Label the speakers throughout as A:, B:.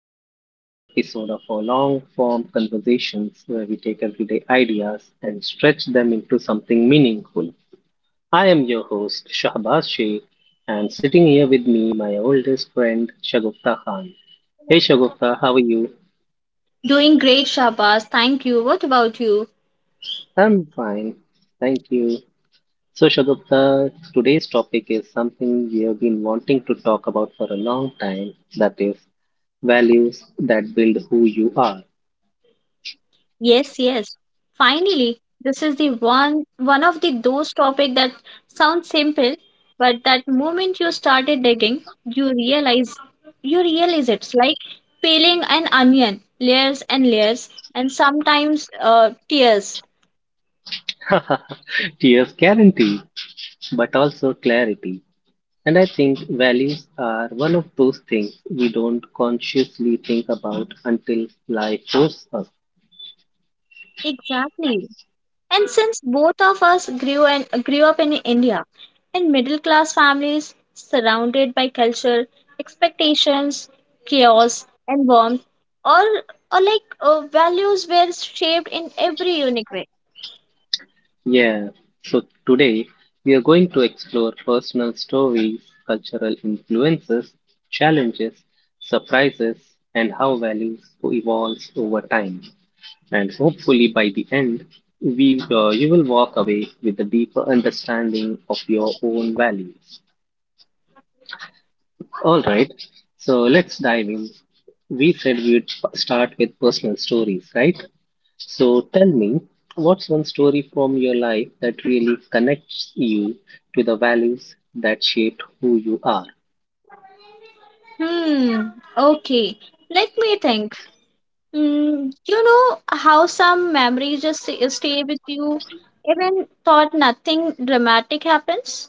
A: To yet another episode of our long form conversations where we take everyday ideas and stretch them into something meaningful. I am your host, Shahbaz Sheikh, and sitting here with me, my oldest friend, Shagufta Khan. Hey, Shagufta, how are you?
B: Doing great, Shabas. Thank you. What about you?
A: I'm fine, thank you. So, Shagufta, today's topic is something we have been wanting to talk about for a long time, that is, values that build who you are.
B: Yes, yes. Finally, this is the one of the those topic that sounds simple, but that moment you started digging, you realize you realize it's like peeling an onion, layers and layers, and sometimes tears.
A: Tears guarantee, but also clarity. And I think values are one of those things we don't consciously think about until life forces us.
B: Exactly. And since both of us grew up in India, in middle class families surrounded by culture, expectations, chaos, and warmth, or or like values were shaped in every unique way.
A: Yeah, so today we are going to explore personal stories, cultural influences, challenges, surprises, and how values evolves over time. And hopefully by the end, you will walk away with a deeper understanding of your own values. All right, so let's dive in. We said we'd start with personal stories, right? So tell me, what's one story from your life that really connects you to the values that shaped who you are?
B: Hmm. Okay. Let me think. Hmm. You know how some memories just stay with you, even thought nothing dramatic happens.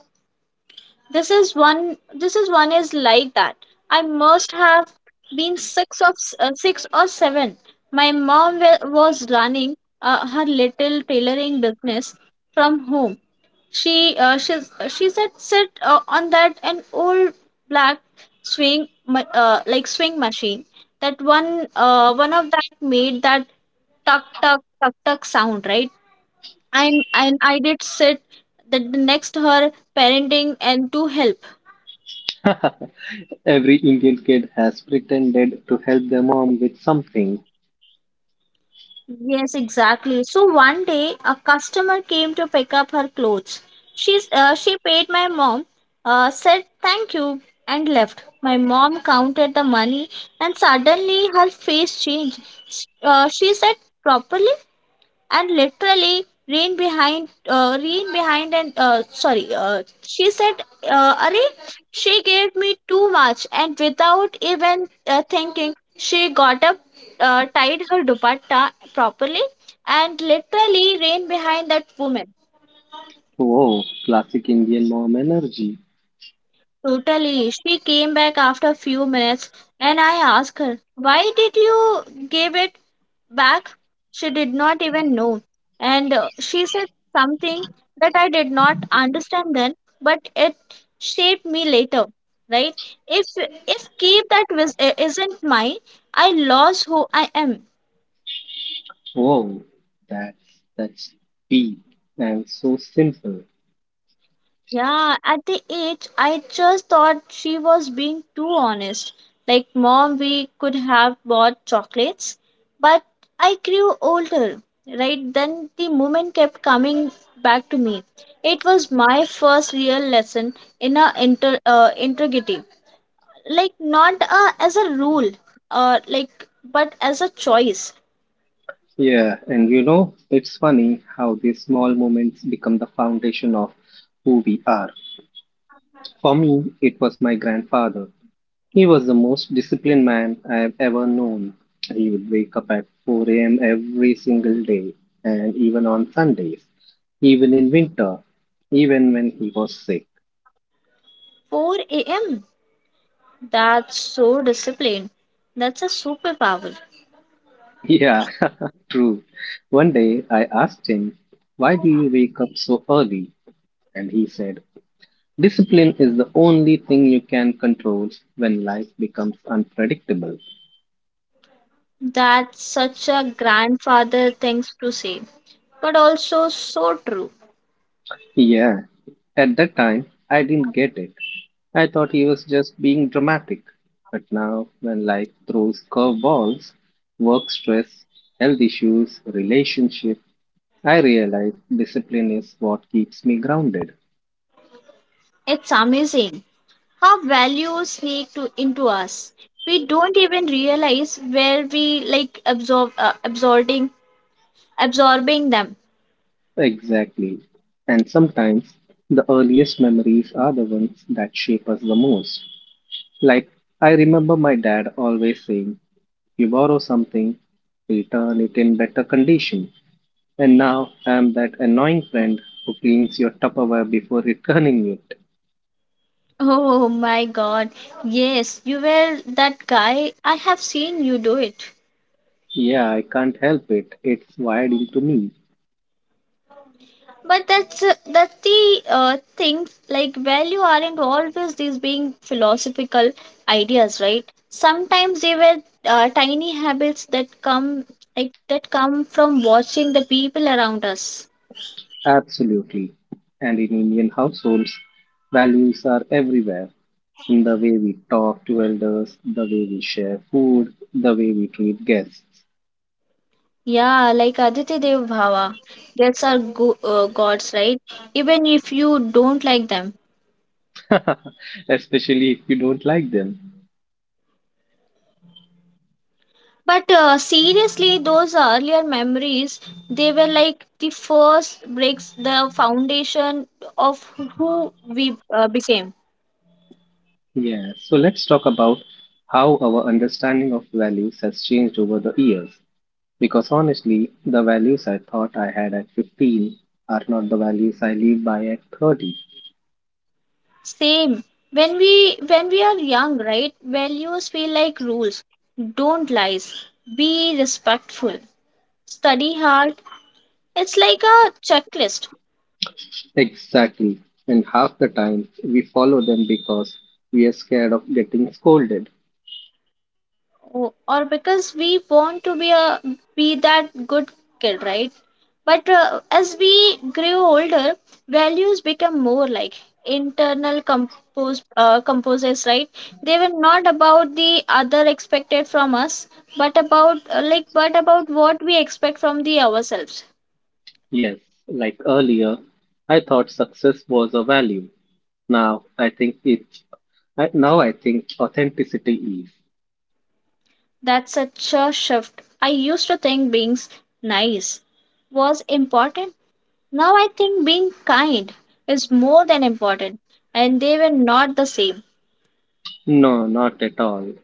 B: This is one is like that. I must have been six or seven. My mom was running her little tailoring business from home. She uh, she she said sit on that an old black swing ma- like swing machine. That one One of that made that tuck tuck tuck tuck sound right and I did sit that the next her parenting and to help.
A: Every Indian kid has pretended to help their mom with something.
B: Yes, exactly. So one day, a customer came to pick up her clothes. She paid my mom, said thank you, and left. My mom counted the money, and suddenly her face changed. She said, Properly? And literally ran behind, and sorry she said Arey, she gave me too much, and without even thinking she got up, tied her dupatta properly, and literally ran behind that woman.
A: Whoa, classic Indian mom energy.
B: Totally, she came back after a few minutes, and I asked her, why did you give it back? She did not even know, and she said something that I did not understand then, but it shaped me later. Right. If keep that isn't mine, I lost who I am.
A: Whoa, that's that's deep and so simple.
B: Yeah, at the age, I just thought she was being too honest. Like, mom, we could have bought chocolates. But I grew older, right? Then the moment kept coming back to me. It was my first real lesson in a inter integrity. Like, not as a rule, like, but as a choice.
A: Yeah, and it's funny how these small moments become the foundation of who we are. For me, it was my grandfather. He was the most disciplined man I have ever known. He would wake up at 4 a.m. every single day, and even on Sundays, even in winter, even when he was sick.
B: 4 a.m. That's so disciplined. That's a superpower.
A: Yeah, true. One day I asked him, "Why do you wake up so early?" And he said, "Discipline is the only thing you can control when life becomes unpredictable."
B: That's such a grandfather things to say, but also so true.
A: Yeah, at that time, I didn't get it. I thought he was just being dramatic. But now, when life throws curveballs, work stress, health issues, relationship, I realize discipline is what keeps me grounded.
B: It's amazing how values sneak to, into us. We don't even realize where we like absorbing them.
A: Exactly. And sometimes the earliest memories are the ones that shape us the most. Like, I remember my dad always saying, "You borrow something, return it in better condition," and now I'm that annoying friend who cleans your Tupperware before returning it.
B: Oh my god. Yes, you were that guy. I have seen you do it.
A: Yeah, I can't help it. It's wired into me.
B: But that's the thing. Like value aren't always these being philosophical ideas, right? Sometimes they were tiny habits that come that come from watching the people around us.
A: Absolutely. And in Indian households, values are everywhere in the way we talk to elders, the way we share food, the way we treat guests.
B: Yeah, like Aditya Dev Bhava. That's our gods, right? Even if you don't like them.
A: Especially if you don't like them.
B: But seriously, those earlier memories, they were like the first breaks, the foundation of who we became.
A: Yeah, so let's talk about how our understanding of values has changed over the years. Because honestly, the values I thought I had at 15 are not the values I live by at 30.
B: Same. When we are young, right? Values feel like rules. Don't lies. Be respectful. Study hard. It's like a checklist.
A: Exactly. And half the time, we follow them because we are scared of getting scolded.
B: Oh, or because we want to be that good kid, right? But as we grew older, values become more like internal compose composes, right? They were not about the other expected from us, but about like but about what we expect from the ourselves.
A: Yes, like earlier, I thought success was a value. Now I think it. Now I think authenticity is.
B: That's such a shift. I used to think being nice was important. Now I think being kind is more than important, and they were not the same.
A: No, not at all.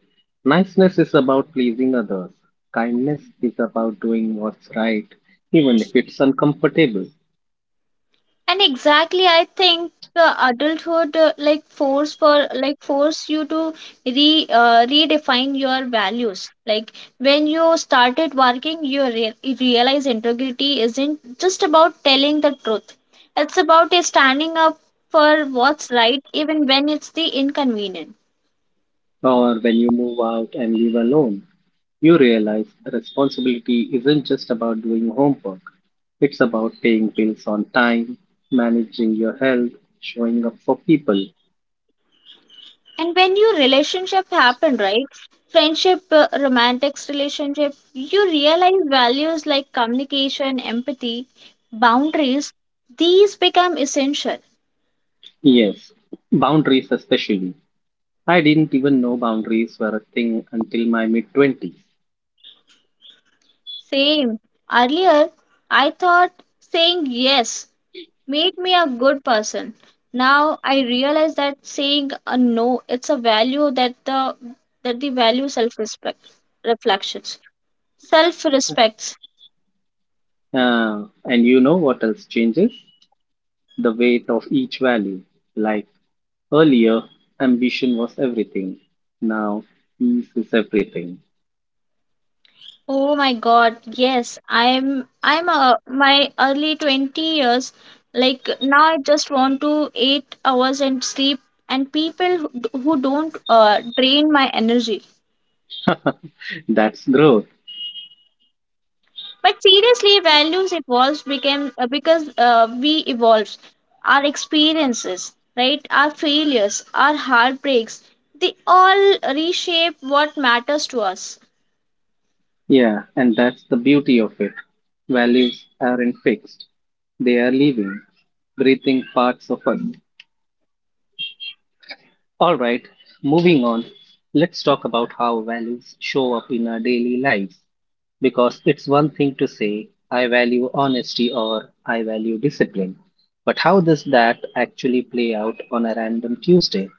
A: Niceness is about pleasing others. Kindness is about doing what's right, even if it's uncomfortable.
B: And exactly, I think adulthood like force for like force you to re redefine your values. Like when you started working, you realize integrity isn't just about telling the truth. It's about standing up for what's right, even when it's the inconvenient.
A: Or when you move out and live alone, you realize responsibility isn't just about doing homework. It's about paying bills on time, managing your health, showing up for people.
B: And when your relationship happen, right? Friendship, romantics relationship, you realize values like communication, empathy, boundaries, these become essential.
A: Yes, boundaries especially. I didn't even know boundaries were a thing until my mid 20s.
B: Same. Earlier, I thought saying yes made me a good person. Now I realize that saying a no, it's a value that the value self-respect reflections, self-respect.
A: And you know what else changes? The weight of each value. Like earlier, ambition was everything. Now, ease is everything.
B: Oh my God, yes. I'm my early 20 years. Like now I just want to 8 hours and sleep, and people who don't drain my energy.
A: That's growth.
B: But seriously, values evolves became because we evolves our experiences, right? Our failures, our heartbreaks, they all reshape what matters to us.
A: Yeah, and that's the beauty of it. Values aren't fixed, they are living, breathing parts of us. Alright, moving on, let's talk about how values show up in our daily lives. Because it's one thing to say, "I value honesty" or "I value discipline." But how does that actually play out on a random Tuesday?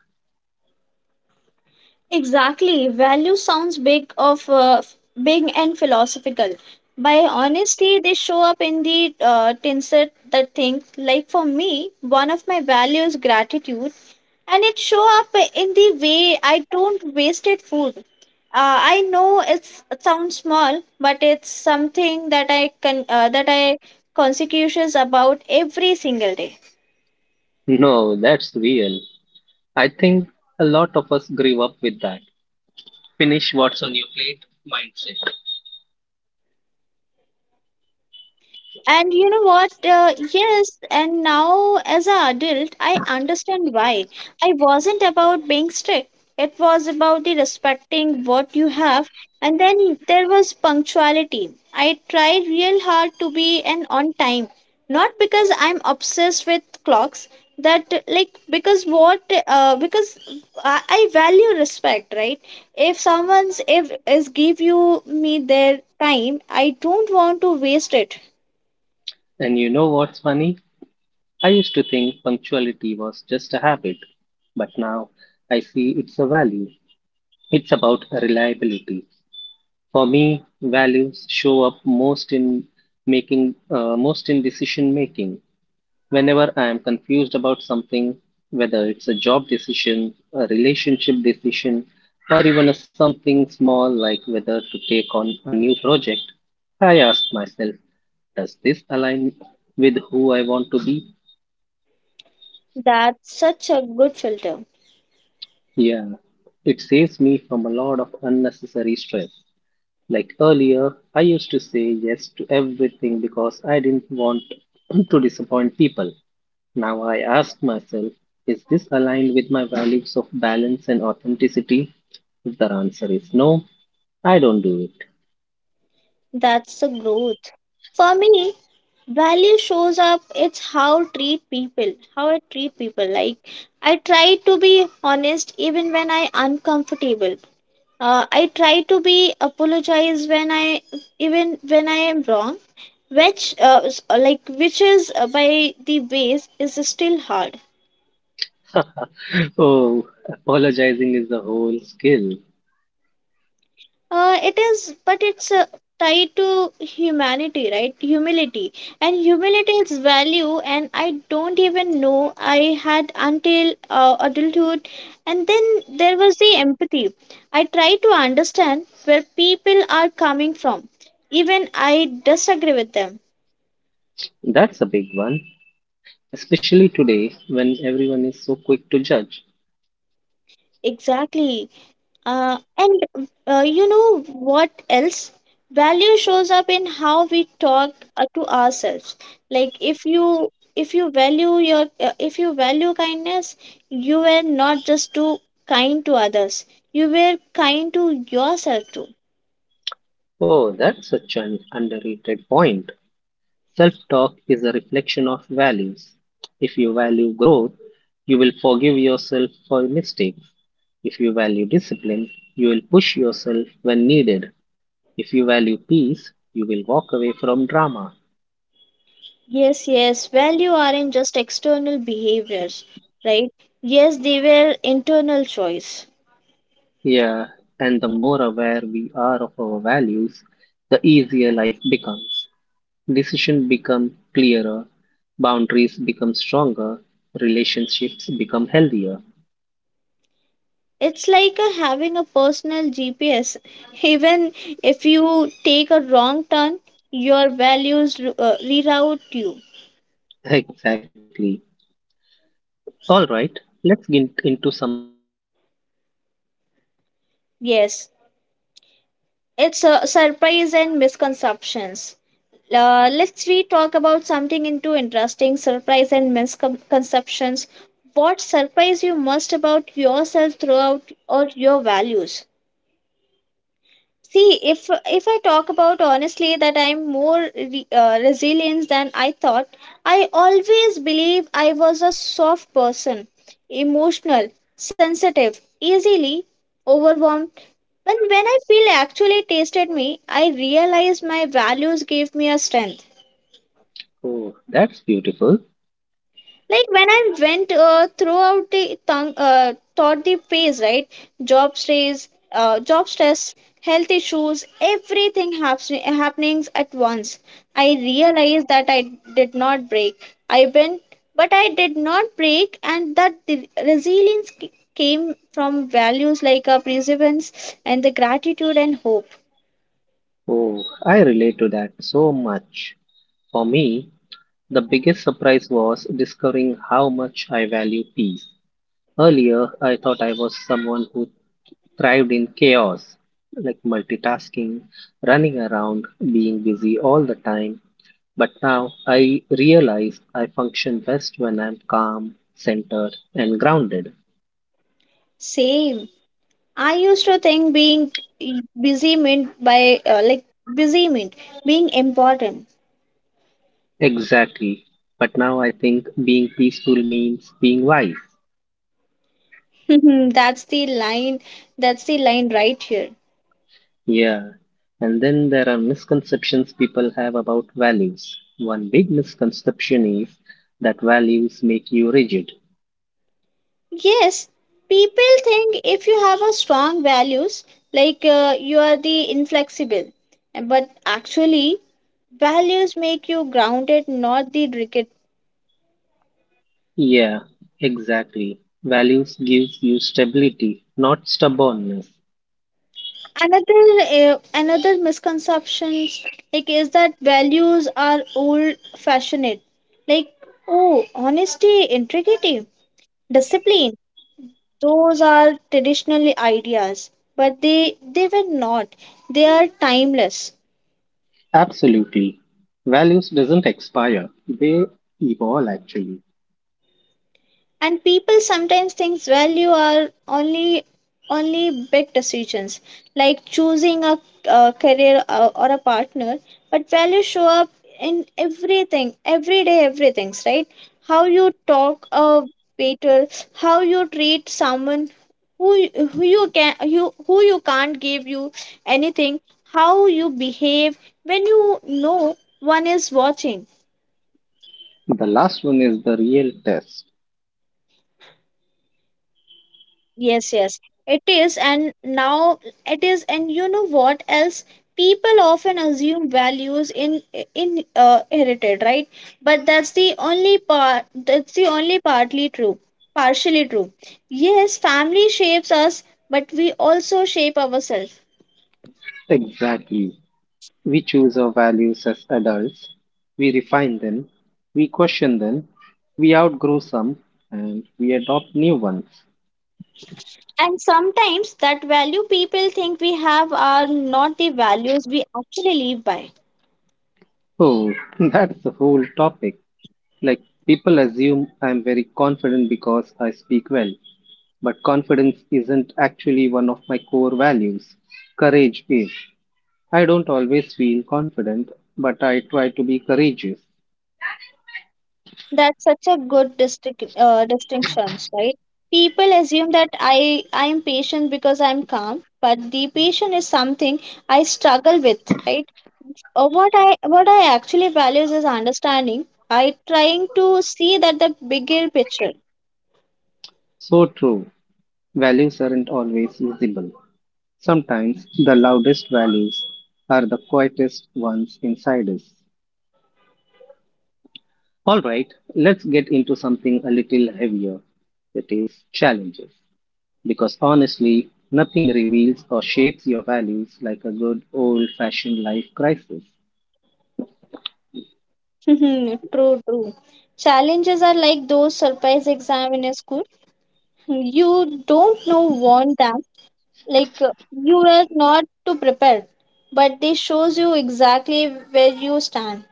B: Exactly. Value sounds big and philosophical. By honesty, they show up in the tinsel that things. Like for me, one of my values gratitude, and it show up in the way I don't wasted food. I know it's, it sounds small, but it's something that I can that I conscientious about every single day.
A: No, that's real. I think a lot of us grew up with that. Finish what's on your plate mindset.
B: And you know what? Yes, and now as an adult, I understand why. I wasn't about being strict. It was about the respecting what you have. And then there was punctuality. I tried real hard to be an on time. Not because I'm obsessed with clocks. That like because what Because I value respect, right? If someone's if is give you me their time, I don't want to waste it.
A: And you know what's funny? I used to think punctuality was just a habit, but now I see it's a value. It's about reliability. For me, values show up most in decision making. Whenever I am confused about something, whether it's a job decision, a relationship decision, or even a something small like whether to take on a new project, I ask myself, does this align with who I want to be?
B: That's such a good filter.
A: Yeah, it saves me from a lot of unnecessary stress. Like earlier, I used to say yes to everything because I didn't want to disappoint people. Now I ask myself, is this aligned with my values of balance and authenticity? If the answer is no, I don't do
B: That's the growth. For me, value shows up it's how I treat people. Like I try to be honest even when I uncomfortable. I try to be apologize when I even when I am wrong, which which is by the ways is still hard.
A: it. Oh, apologizing is a whole skill.
B: It is, but it's tied to humanity, right? Humility. And humility is value, and I don't even know I had until adulthood. And then there was the empathy. I try to understand where people are coming from, even I disagree with them.
A: That's a big one, especially today when everyone is so quick to judge.
B: Exactly. And You know what else? Value shows up in how we talk to ourselves. Like if you value your if you value kindness, you were not just too kind to others. You were kind to yourself too.
A: Oh, that's such an underrated point. Self-talk is a reflection of values. If you value growth, you will forgive yourself for mistakes. If you value discipline, you will push yourself when needed. If you value peace, you will walk away from drama.
B: Yes, yes. Value aren't just external behaviors, right? Yes, they were internal choice.
A: Yeah, and the more aware we are of our values, the easier life becomes. Decisions become clearer, boundaries become stronger, relationships become healthier.
B: It's like a, having a personal GPS. Even if you take a wrong turn, your values reroute you.
A: Exactly. Alright, let's get into something interesting, surprises and
B: Yes,
A: misconceptions. What
B: it's
A: surprised
B: a
A: you
B: surprise
A: most
B: and
A: about yourself through
B: misconceptions.
A: your values?
B: Let's we talk about something into interesting surprise and misconceptions. What surprised you most about yourself throughout or your values? See, if I talk about honestly that I'm more resilient than I thought, I always believe I was a soft person, emotional, sensitive, easily overwhelmed. But when I feel actually tasted me, I realized my values gave me a strength.
A: Oh, that's beautiful.
B: Like when I went throughout the tongue thought the phase, right? job stress Job stress, health issues, happenings at once. I realized that I did not break. I went, but I did not break, and that the resilience c- came from values like perseverance and the gratitude and hope.
A: Oh, I relate to that so much. For me, the biggest surprise was discovering how much I value peace. Earlier, I thought I was someone who thrived in chaos, like multitasking, running around, being busy all the time. But now I realize I function best when I'm calm, centered, and grounded.
B: Same. I used to think being busy meant by like busy meant being important.
A: Exactly. But now I think being peaceful means being wise.
B: that's the line. That's the line right here.
A: Yeah. And then there are misconceptions people have about values. One big misconception is that values make you rigid.
B: Yes, people think if you have a strong values, like you are the inflexible, but actually, values make you grounded, not the rigid.
A: Yeah, exactly. Values gives you stability, not stubbornness.
B: Another Another misconceptions like is that values are old fashioned, like oh honesty, integrity, discipline. Those are traditionally ideas, but they were not, they are timeless.
A: Absolutely. Values doesn't expire. They evolve actually.
B: And people sometimes think value are only only big decisions, like choosing a, career or a partner, but value show up in everything everyday everything's, right? How you talk a waiter, how you treat someone who you can you who you can't give you anything, how you behave when you know one is watching.
A: The last one is the real test.
B: Yes, yes, it is. And you know what else? People often assume values in inherited, right? But that's the only part. That's the only partly true, partially true. Yes, family shapes us, but we also shape ourselves.
A: Exactly. We choose our values as adults, we refine them, we question them, we outgrow some, and we adopt new ones.
B: And sometimes that value people think we have are not the values we actually live by.
A: Oh, that's the whole topic. Like, people assume I'm very confident because I speak well, but confidence isn't actually one of my core values. Courage is. I don't always feel confident, but I try to be courageous.
B: That's such a good distinctions, right? People assume that I'm patient because I'm calm, but the patient is something I struggle with, right? Or what I actually values is understanding. I trying to see that the bigger picture.
A: So true. Values aren't always visible. Sometimes the loudest values are the quietest ones inside us. Alright, let's get into something a little heavier, that is, challenges. Because honestly, nothing reveals or shapes your values like a good old fashioned life crisis.
B: true, true. Challenges are like those surprise exam in a school. You don't know want them. Like you are not too prepared, but they shows you exactly where you stand.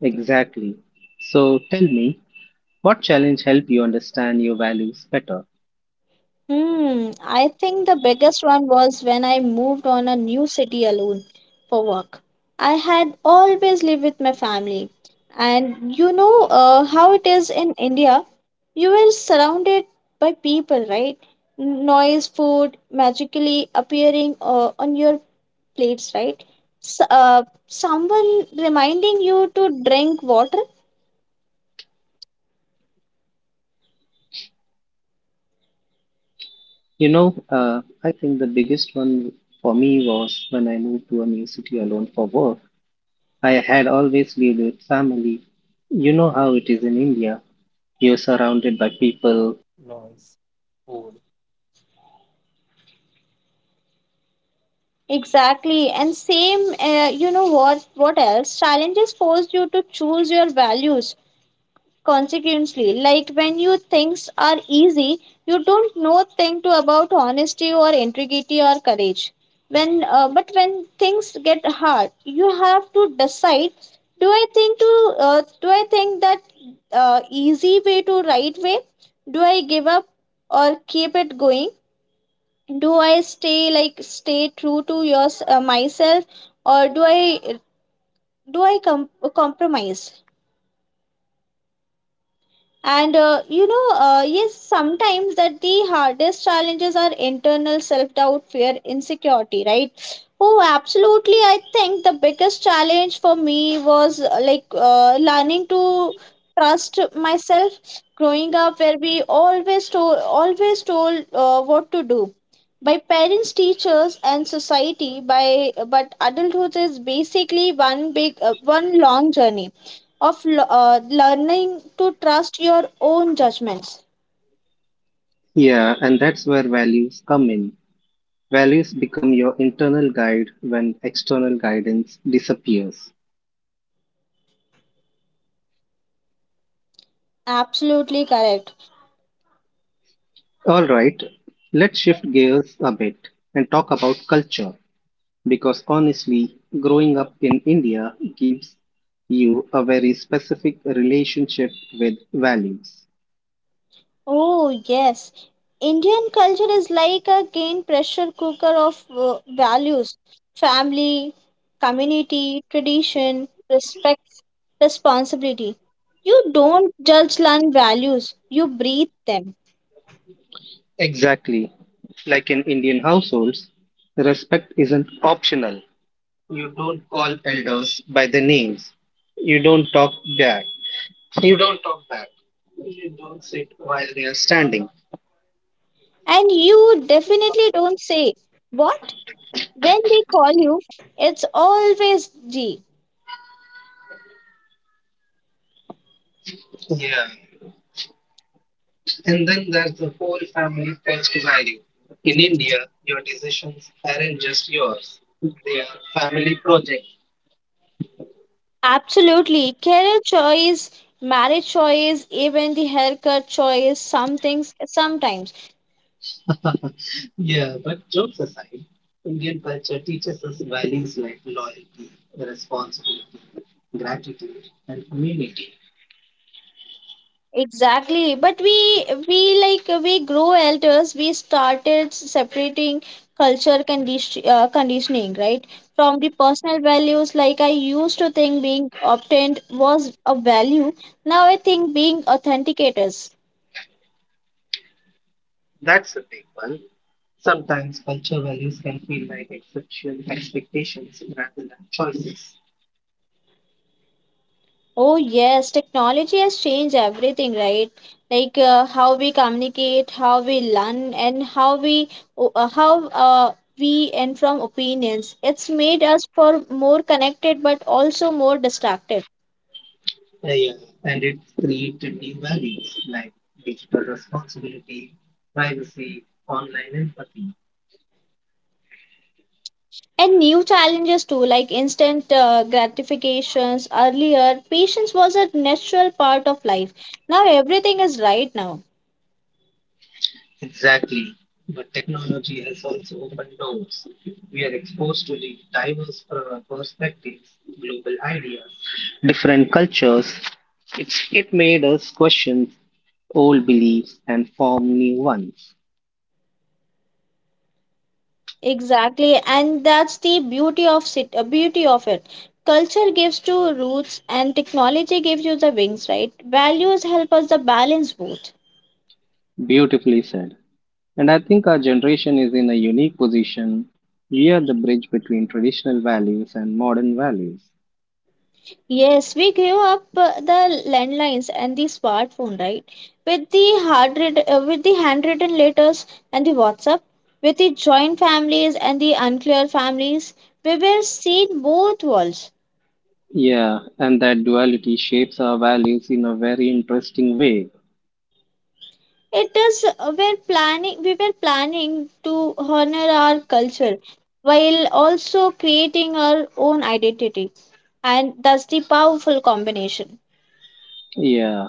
A: Exactly. So tell me, what challenge helped you understand your values better?
B: Hmm, I think the biggest one was when I moved on a new city alone for work. I had always lived with my family, and you know how it is in India. You were surrounded by
A: And
B: people, right? Noise, food magically appearing on your plates, right? S Someone reminding you to drink water.
A: I think the biggest one for me was when I moved to a new city alone for work. I had always lived with family. You know how it is in India. You're surrounded by people.
B: Exactly. And same, you know what? What else? Challenges force you to choose your values consequently. Like when you things are easy, you don't know thing to about honesty or integrity or courage. But when things get hard, you have to decide. Do I think to? Do I think that easy way to right way? Do I give up or keep it going? Do I stay like stay true to yours myself or do I compromise. Yes, sometimes that the hardest challenges are internal self doubt, fear, insecurity, right? Oh, absolutely. I think the biggest challenge for me was learning to trust myself growing up where we always told what to do by parents, teachers, and society, by but adulthood is basically one long journey of learning to trust your own judgments.
A: Yeah, and that's where values come in. Values become your internal guide when external guidance disappears.
B: Absolutely correct.
A: All right, let's shift gears a bit and talk about culture because honestly, growing up in India gives you a very specific relationship with values.
B: Oh, yes. Indian culture is like a gain pressure cooker of values: family, community, tradition, respect, responsibility. You don't judge learn values, you breathe them.
A: Exactly. Like in Indian households, respect isn't optional. You don't call elders by their names. You don't talk back. You don't talk back. You don't sit while they are standing.
B: And you definitely don't say, "What?" When they call you, it's always G.
A: Yeah. And then there's the whole family first value. In India, your decisions aren't just yours. They are family project.
B: Absolutely. Career choice, marriage choice, even the haircut choice, some things sometimes.
A: Yeah, but jokes aside, Indian culture teaches us values like loyalty, responsibility, gratitude, and community.
B: Exactly. But we like we grow elders, we started separating culture conditioning, right? From the personal values, like I used to think being obtained was a value. Now I think being authenticated.
A: That's a big one. Sometimes culture values can feel like exceptional expectations rather than choices.
B: Oh, yes, technology has changed everything, right? Like how we communicate, how we learn, and how o- uh, how uh, we and from opinions. It's made us for more connected, but also more distracted.
A: Yeah, and it created new values like digital responsibility, privacy, online empathy.
B: And new challenges too, like instant gratifications. Earlier, patience was a natural part of life. Now everything is right now.
A: Exactly. But technology has also opened doors. We are exposed to the diverse perspectives, global ideas, different cultures. It made us question old beliefs and form new ones.
B: Exactly, and that's the beauty of beauty of it. Culture gives to roots, and technology gives you the wings. Right? Values help us the balance both.
A: Beautifully said. And I think our generation is in a unique position. We are the bridge between traditional values and modern values.
B: Yes, we grew up the landlines and the smartphone, right? With the with the handwritten letters and the WhatsApp, with the joint families and the unclear families, we were seen both worlds.
A: Yeah, and that duality shapes our values in a very interesting way.
B: It is we were planning to honor our culture while also creating our own identity, and that's the powerful combination.
A: Yeah.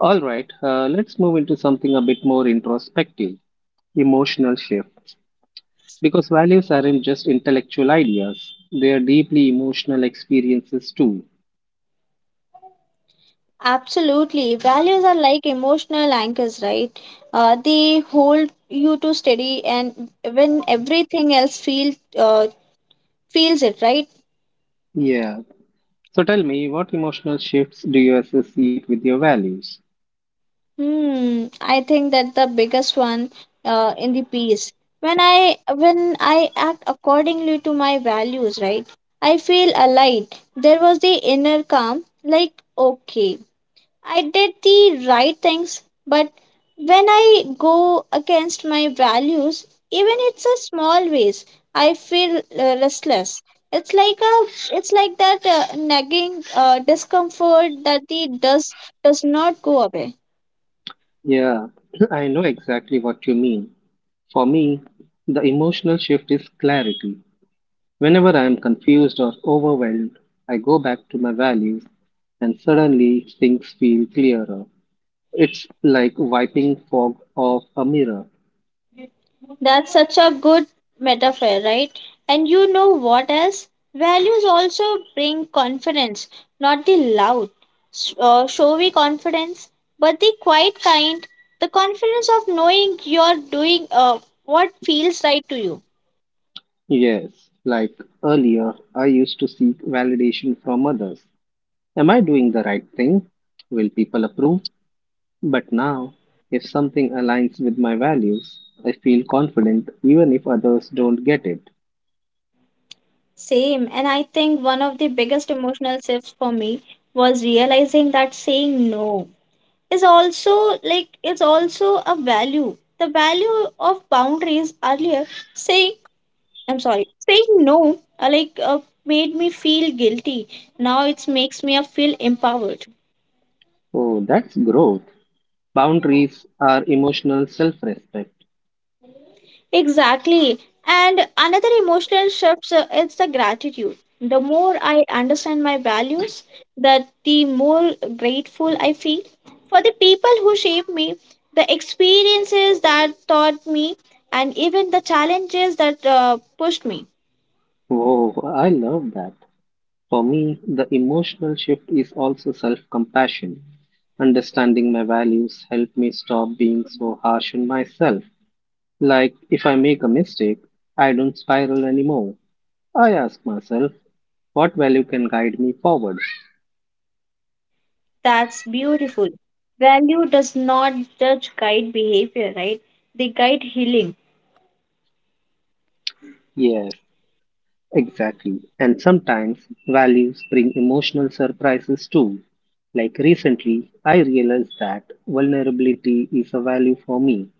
A: All right, let's move into something a bit more introspective, emotional shift. Because values aren't just intellectual ideas, they are deeply emotional experiences too.
B: Absolutely. Values are like emotional anchors, right? They hold you to steady and when everything else feels it, right?
A: Yeah. So tell me, what emotional shifts do you associate with your values?
B: I think that the biggest one in the piece. When I act accordingly to my values, right? I feel alight. There was the inner calm, like okay, I did the right things, but when I go against my values, even it's a small ways, I feel restless. It's like a it's like that nagging discomfort that the does not go away.
A: Yeah, I know exactly what you mean. For me, the emotional shift is clarity. Whenever I am confused or overwhelmed, I go back to my values and suddenly things feel clearer. It's like wiping fog off a mirror.
B: That's such a good metaphor, right? And you know what else? Values also bring confidence, not the loud, showy confidence, but the quiet kind, the confidence of knowing you're doing what feels right to you.
A: Yes, like earlier, I used to seek validation from others. Am I doing the right thing? Will people approve? But now, if something aligns with my values, I feel confident even if others don't get it.
B: Same, and I think one of the biggest emotional shifts for me was realizing that saying no is also like it's also a value. The value of boundaries earlier saying I'm sorry. Saying no, made me feel guilty. Now it makes me feel empowered.
A: Oh, that's growth. Boundaries are emotional self respect.
B: Exactly. And another emotional shift is the gratitude. The more I understand my values, that the more grateful I feel for the people who shaped me, the experiences that taught me, and even the challenges that pushed me.
A: Whoa, I love that. For me, the emotional shift is also self compassion. Understanding my values help me stop being so harsh on myself. Like if I make a mistake, I don't spiral anymore. I ask myself, what value can guide me forward?
B: That's beautiful. Value does not judge guide behavior, right? They guide healing.
A: Yes, exactly. And sometimes values bring emotional surprises too. Like recently, I realized that vulnerability is a value for me.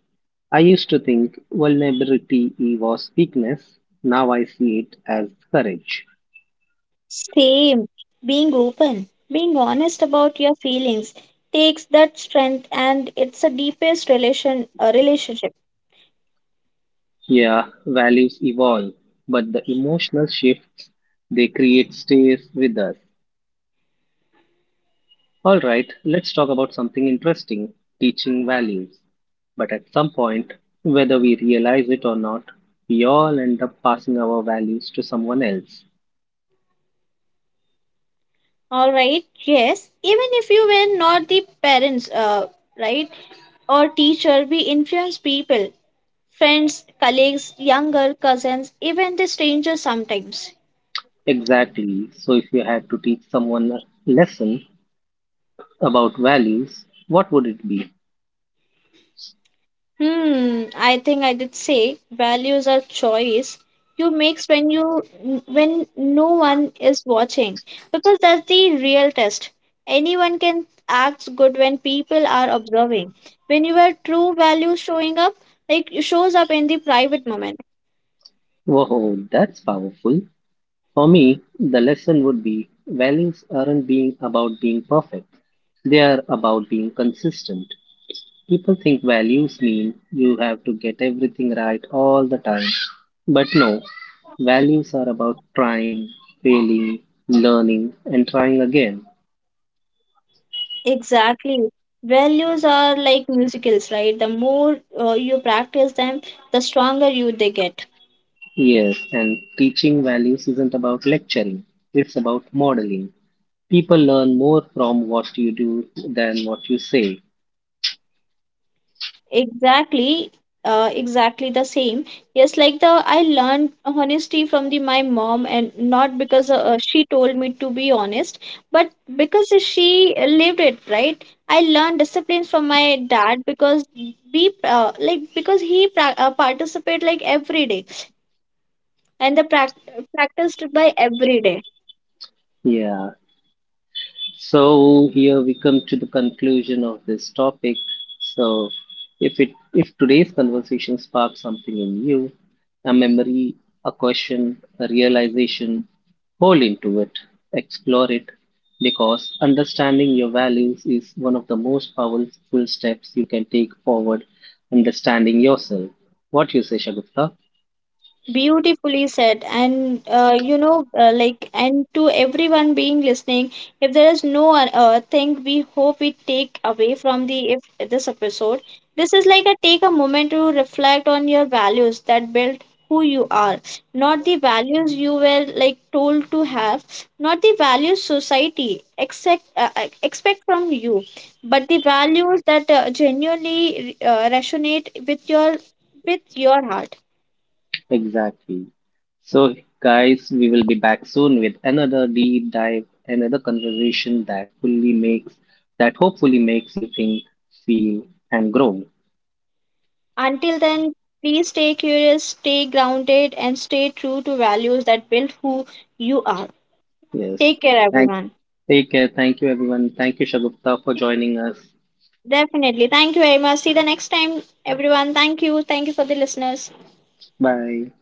A: I used to think vulnerability was weakness. Now I see it as courage.
B: Same. Being open, being honest about your feelings takes that strength and it's the deepest relationship.
A: Yeah, values evolve, but the emotional shifts they create stays with us. All right, let's talk about something interesting, teaching values. But at some point, whether we realize it or not, we all end up passing our values to someone else.
B: All right. Yes. Even if you were not the parents, right, or teacher, we influence people, friends, colleagues, younger cousins, even the strangers sometimes.
A: Exactly. So, if you had to teach someone a lesson about values, what would it be?
B: I think I did say values are choice you makes when no one is watching because that's the real test. Anyone can act good when people are observing. When your true value showing up, like shows up in the private moment.
A: Whoa, that's powerful. For me, the lesson would be values aren't being about being perfect. They are about being consistent. People think values mean you have to get everything right all the time. But no, values are about trying, failing, learning, and trying again.
B: Exactly. Values are like musicals, right? The more you practice them, the stronger you they get.
A: Yes, and teaching values isn't about lecturing, it's about modeling. People learn more from what you do than what you say.
B: Exactly, exactly the same. Yes, like the I learned honesty from the my mom, and not because she told me to be honest, but because she lived it, right? I learned disciplines from my dad because we like because participate like every day, and the prac practiced by every day.
A: Yeah, so here we come to the conclusion of this topic. So if today's conversation sparks something in you, a memory, a question, a realization, hold into it, explore it, because understanding your values is one of the most powerful steps you can take forward understanding yourself. What you say, Shagufta?
B: Beautifully said, and and to everyone being listening, if there is no thing we hope we take away from the if this episode, this is like a take a moment to reflect on your values that built who you are, not the values you were like told to have, not the values society expect from you, but the values that genuinely resonate with with your heart.
A: Exactly. So, guys, we will be back soon with another deep dive, another conversation that hopefully makes you think, feel, and grow.
B: Until then, please stay curious, stay grounded, and stay true to values that build who you are.
A: Yes.
B: Take care,
A: Thank.
B: everyone.
A: Take care. Thank you, everyone. Thank you, Shagufta, for joining us.
B: Definitely. Thank you very much. See the next time, everyone. Thank you. Thank you for the listeners.
A: Bye.